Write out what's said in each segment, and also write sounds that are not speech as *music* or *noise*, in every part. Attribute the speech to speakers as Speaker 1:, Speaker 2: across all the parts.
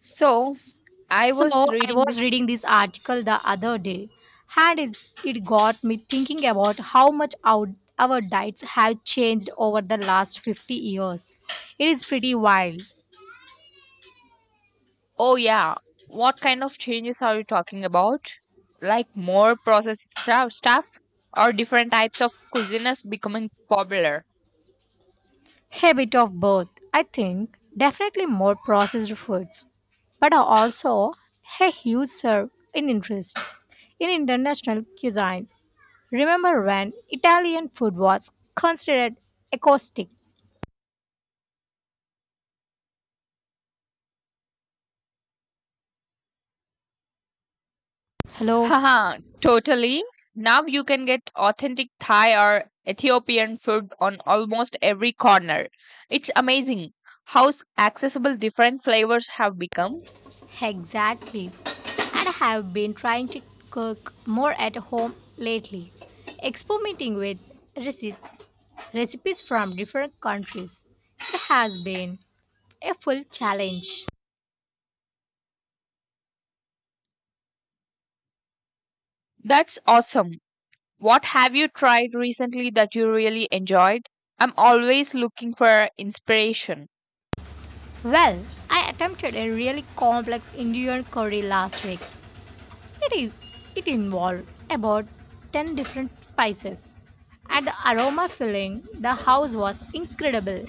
Speaker 1: So, I
Speaker 2: So
Speaker 1: was
Speaker 2: I
Speaker 1: reading
Speaker 2: was reading
Speaker 1: this.
Speaker 2: this article the other day, and it got me thinking about how much our diets have changed over the last 50 years. It is pretty wild.
Speaker 1: Oh, yeah. What kind of changes are you talking about? Like more processed stuff or different types of cuisines becoming popular?
Speaker 2: Habit of both, I think. Definitely more processed foods, but are also a huge serve in interest in international cuisines. Remember when Italian food was considered acoustic? Hello.
Speaker 1: Haha, totally. Now you can get authentic Thai or Ethiopian food on almost every corner. It's amazing how accessible different flavors have become.
Speaker 2: Exactly. And I have been trying to cook more at home lately, experimenting with reci- recipes from different countries. It has been a full challenge.
Speaker 1: That's awesome. What have you tried recently that you really enjoyed? I'm always looking for inspiration.
Speaker 2: Well, I attempted a really complex Indian curry last week. It is it involved about 10 different spices. And the aroma filling the house was incredible.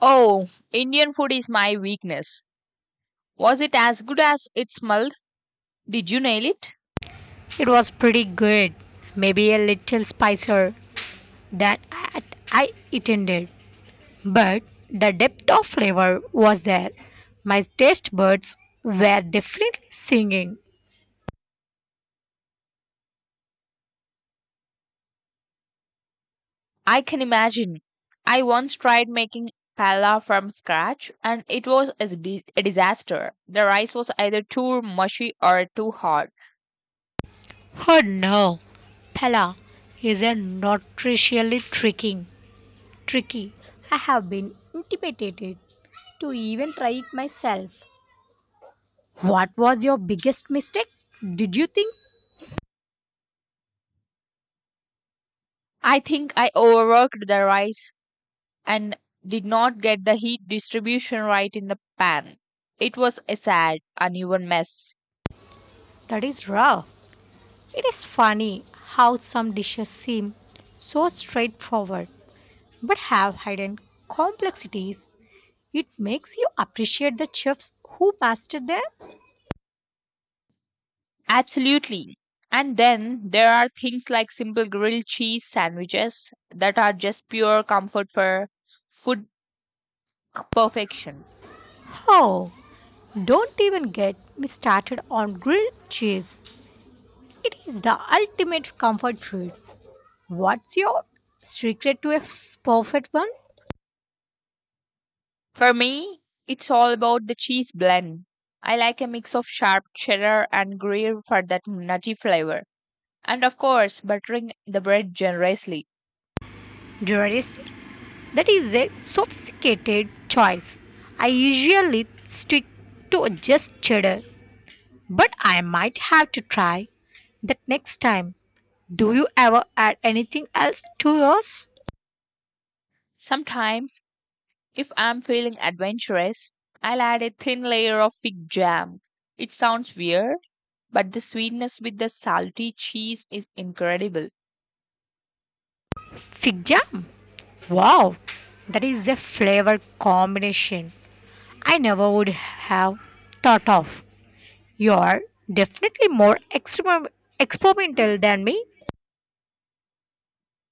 Speaker 1: Oh, Indian food is my weakness. Was it as good as it smelled? Did you nail it?
Speaker 2: It was pretty good, maybe a little spicier than at- I intended, but the depth of flavor was there. My taste buds were definitely singing.
Speaker 1: I can imagine. I once tried making pala from scratch and it was a disaster. The rice was either too mushy or too hard.
Speaker 2: Oh no, Pella is a nutritionally tricky. I have been intimidated to even try it myself. What was your biggest mistake? Did you think
Speaker 1: I think I overworked the rice and did not get the heat distribution right in the pan. It was a sad, uneven mess.
Speaker 2: that is rough? It is funny how some dishes seem so straightforward but have hidden complexities. It makes you appreciate the chefs who mastered their.
Speaker 1: Absolutely. And then there are things like simple grilled cheese sandwiches that are just pure comfort for food perfection.
Speaker 2: Oh. Don't even get me started on grilled cheese. It is the ultimate comfort food. What's your secret to a perfect one?
Speaker 1: For me, it's all about the cheese blend. I like a mix of sharp cheddar and gruyere for that nutty flavor. And of course, buttering the bread generously.
Speaker 2: Jewelries? That is a sophisticated choice. I usually stick to just cheddar. But I might have to try that next time. Do you ever add anything else to yours?
Speaker 1: Sometimes if I'm feeling adventurous, I'll add a thin layer of fig jam. It sounds weird, but the sweetness with the salty cheese is incredible.
Speaker 2: Fig jam. Wow, that is a flavor combination I never would have thought of. You're definitely more experimental than me.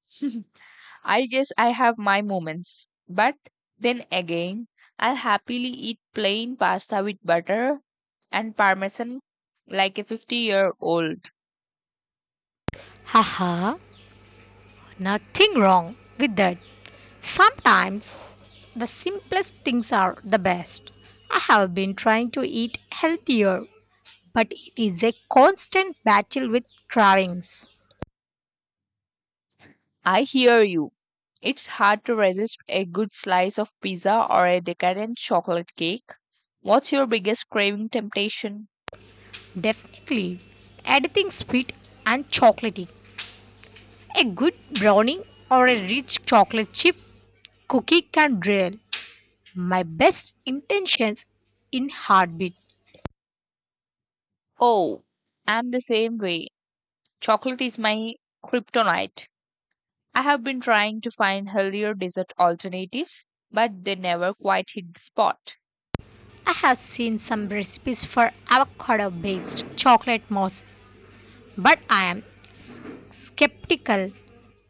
Speaker 1: *laughs* I guess I have my moments. But then again, I'll happily eat plain pasta with butter and parmesan like a 50-year-old.
Speaker 2: Haha, nothing wrong with that. Sometimes the simplest things are the best. I have been trying to eat healthier, but it is a constant battle with cravings.
Speaker 1: I hear you. It's hard to resist a good slice of pizza or a decadent chocolate cake. What's your biggest craving temptation?
Speaker 2: Definitely, anything sweet and chocolatey. A good brownie or a rich chocolate chip cookie can derail my best intentions in heartbeat.
Speaker 1: Oh, I'm the same way. Chocolate is my kryptonite. I have been trying to find healthier dessert alternatives, but they never quite hit the spot.
Speaker 2: I have seen some recipes for avocado based chocolate mousses, but I am skeptical.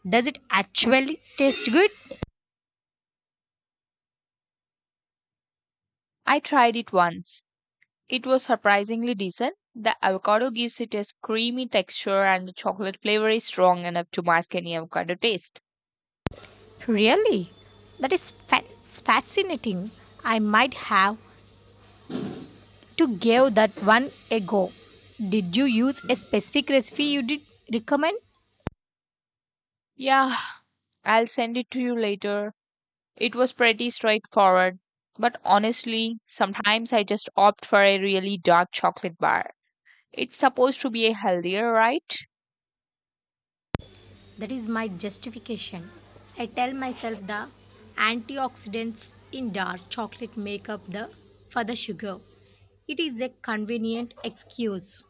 Speaker 2: Does it actually taste good?
Speaker 1: I tried it once. It was surprisingly decent. The avocado gives it a creamy texture, and the chocolate flavor is strong enough to mask any avocado taste.
Speaker 2: Really? That is fascinating. I might have to give that one a go. Did you use a specific recipe you did recommend?
Speaker 1: Yeah, I'll send it to you later. It was pretty straightforward, but honestly, sometimes I just opt for a really dark chocolate bar. It's supposed to be a healthier, right?
Speaker 2: That is my justification. I tell myself the antioxidants in dark chocolate make up the for the sugar. It is a convenient excuse.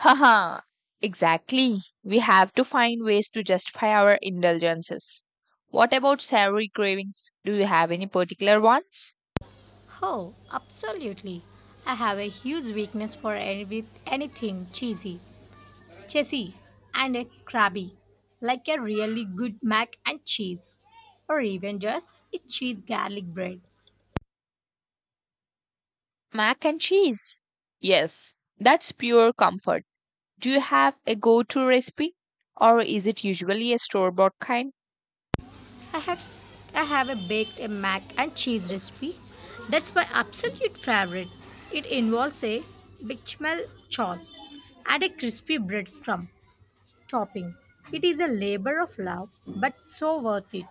Speaker 1: Haha, exactly. We have to find ways to justify our indulgences. What about savory cravings? Do you have any particular ones?
Speaker 2: Oh, absolutely. I have a huge weakness for any, with anything chessy, and a crabby, like a really good mac and cheese, or even just a cheese garlic bread.
Speaker 1: Mac and cheese. Yes, that's pure comfort. Do you have a go to recipe? Or is it usually a store bought kind?
Speaker 2: I have I have a baked a mac and cheese recipe. That's my absolute favorite. It involves a bechamel sauce and a crispy breadcrumb topping. It is a labor of love, but so worth it.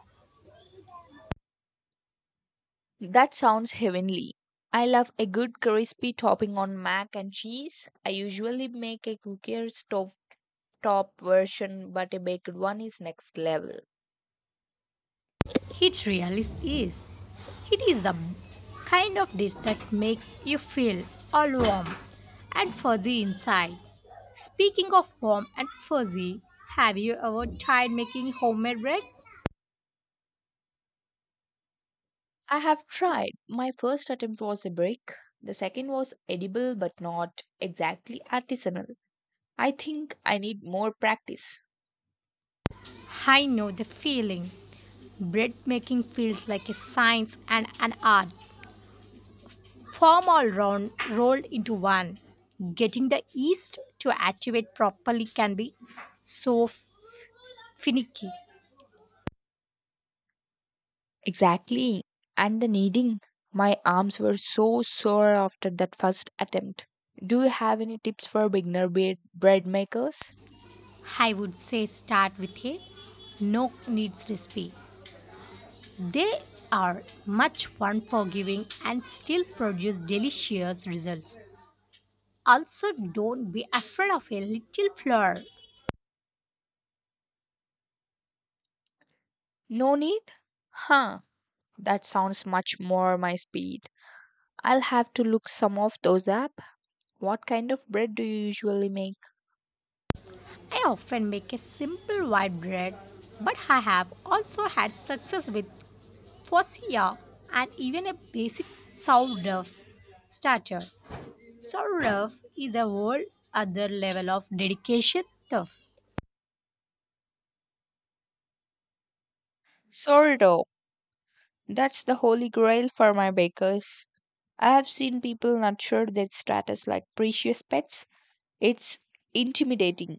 Speaker 1: That sounds heavenly. I love a good crispy topping on mac and cheese. I usually make a cookier stuffed top version, but a baked one is next level.
Speaker 2: It really is. It is the kind of dish that makes you feel all warm and fuzzy inside. Speaking of warm and fuzzy, have you ever tried making homemade bread?
Speaker 1: I have tried. My first attempt was a brick. The second was edible but not exactly artisanal. I think I need more practice.
Speaker 2: I know the feeling. Bread making feels like a science and an art form all round rolled into one. Getting the yeast to activate properly can be so finicky.
Speaker 1: Exactly. And the kneading. My arms were so sore after that first attempt. Do you have any tips for beginner bread makers?
Speaker 2: I would say start with a no needs recipe. They are much unforgiving and still produce delicious results. Also, don't be afraid of a little flour.
Speaker 1: No need? Huh. That sounds much more my speed. I'll have to look some of those up. What kind of bread do you usually make?
Speaker 2: I often make a simple white bread, but I have also had success with focaccia and even a basic sourdough starter. Sourdough is a whole other level of dedication, though.
Speaker 1: Sourdough. That's the holy grail for my bakers. I have seen people nurture their status like precious pets. It's intimidating.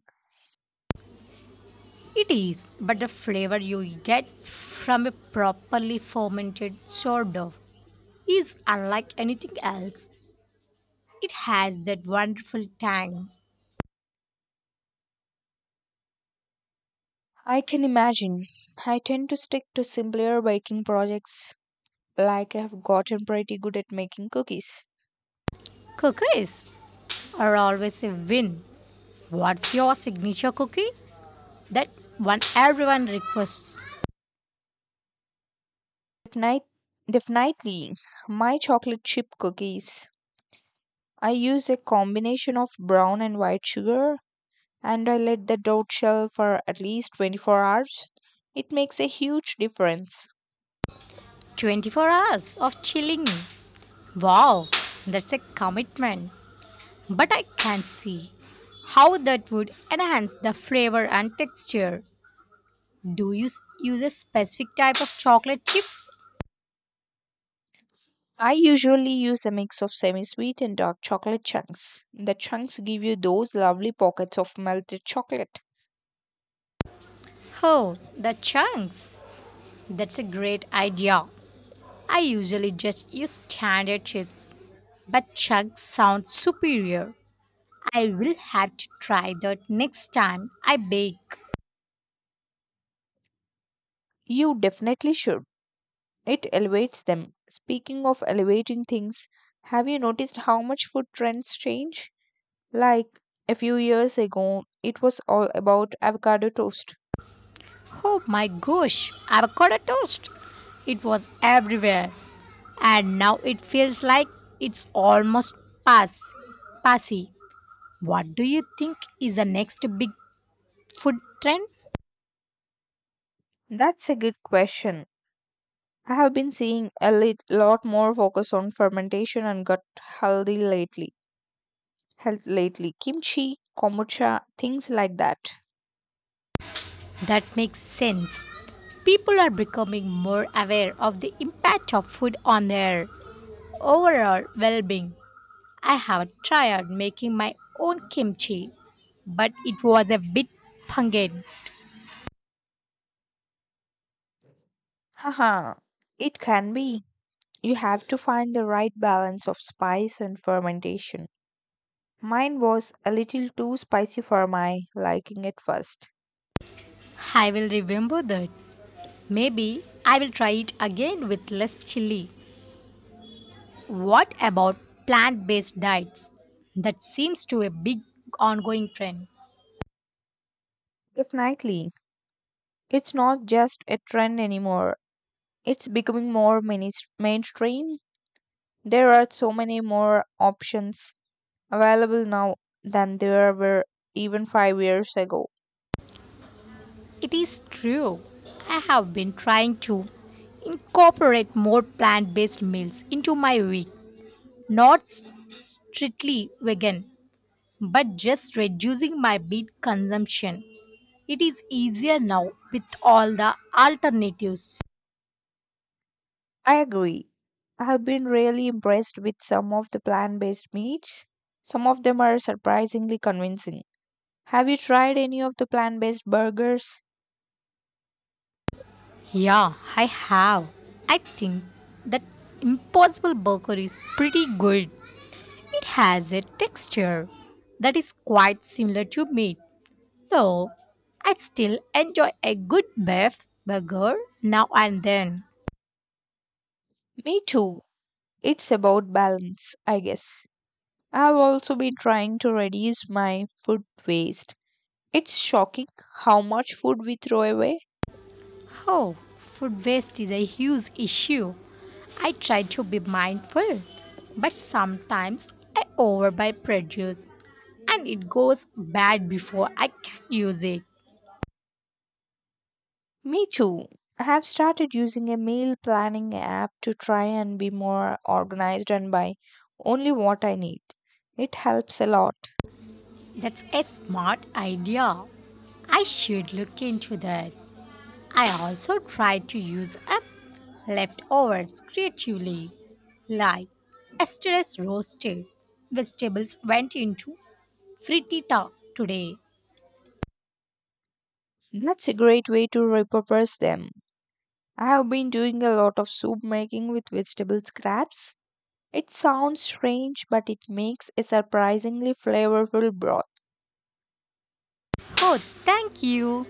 Speaker 2: It is, but the flavor you get from a properly fermented sourdough is unlike anything else. It has that wonderful tang.
Speaker 1: I can imagine. I tend to stick to simpler baking projects, like I have gotten pretty good at making cookies.
Speaker 2: Cookies are always a win. What's your signature cookie? That one everyone requests.
Speaker 1: Definite, Definitely, my chocolate chip cookies. I use a combination of brown and white sugar, and I let the dough shell for at least 24 hours. It makes a huge difference.
Speaker 2: 24 hours of chilling, wow, that's a commitment, but I can't see how that would enhance the flavor and texture. Do you use a specific type of chocolate chip?
Speaker 1: I usually use a mix of semi sweet and dark chocolate chunks. The chunks give you those lovely pockets of melted chocolate.
Speaker 2: Oh, the chunks, that's a great idea. I usually just use standard chips, but chunks sound superior. I will have to try that next time I bake.
Speaker 1: You definitely should. It elevates them. Speaking of elevating things, have you noticed how much food trends change? Like a few years ago, it was all about avocado toast.
Speaker 2: Oh my gosh, avocado toast! It was everywhere. And now it feels like it's almost pass passy. What do you think is the next big food trend?
Speaker 1: That's a good question. I have been seeing a lot more focus on fermentation and gut healthy lately. Health lately, kimchi, kombucha, things like that.
Speaker 2: That makes sense. People are becoming more aware of the impact of food on their overall well-being. I have tried making my own kimchi, but it was a bit pungent.
Speaker 1: Haha, it can be. You have to find the right balance of spice and fermentation. Mine was a little too spicy for my liking at first.
Speaker 2: I will remember that. Maybe I will try it again with less chili. What about plant based diets? That seems to be a big ongoing trend.
Speaker 1: Definitely. It's not just a trend anymore. It's becoming more mainstream. There are so many more options available now than there were even 5 years ago.
Speaker 2: It is true. I have been trying to incorporate more plant based meals into my week. Not strictly vegan, but just reducing my meat consumption. It is easier now with all the alternatives.
Speaker 1: I agree. I have been really impressed with some of the plant based meats. Some of them are surprisingly convincing. Have you tried any of the plant based burgers?
Speaker 2: Yeah, I have. I think that impossible burger is pretty good. It has a texture that is quite similar to meat, though I still enjoy a good beef burger now and then.
Speaker 1: Me too. It's about balance, I guess. I've also been trying to reduce my food waste. It's shocking how much food we throw away.
Speaker 2: Oh, food waste is a huge issue. I try to be mindful, but sometimes I overbuy produce and it goes bad before I can use it.
Speaker 1: Me too. I have started using a meal planning app to try and be more organized and buy only what I need. It helps a lot.
Speaker 2: That's a smart idea. I should look into that. I also try to use up leftovers creatively, like yesterday's roasted vegetables went into frittata today.
Speaker 1: That's a great way to repurpose them. I have been doing a lot of soup making with vegetable scraps. It sounds strange, but it makes a surprisingly flavorful broth.
Speaker 2: Oh, thank you.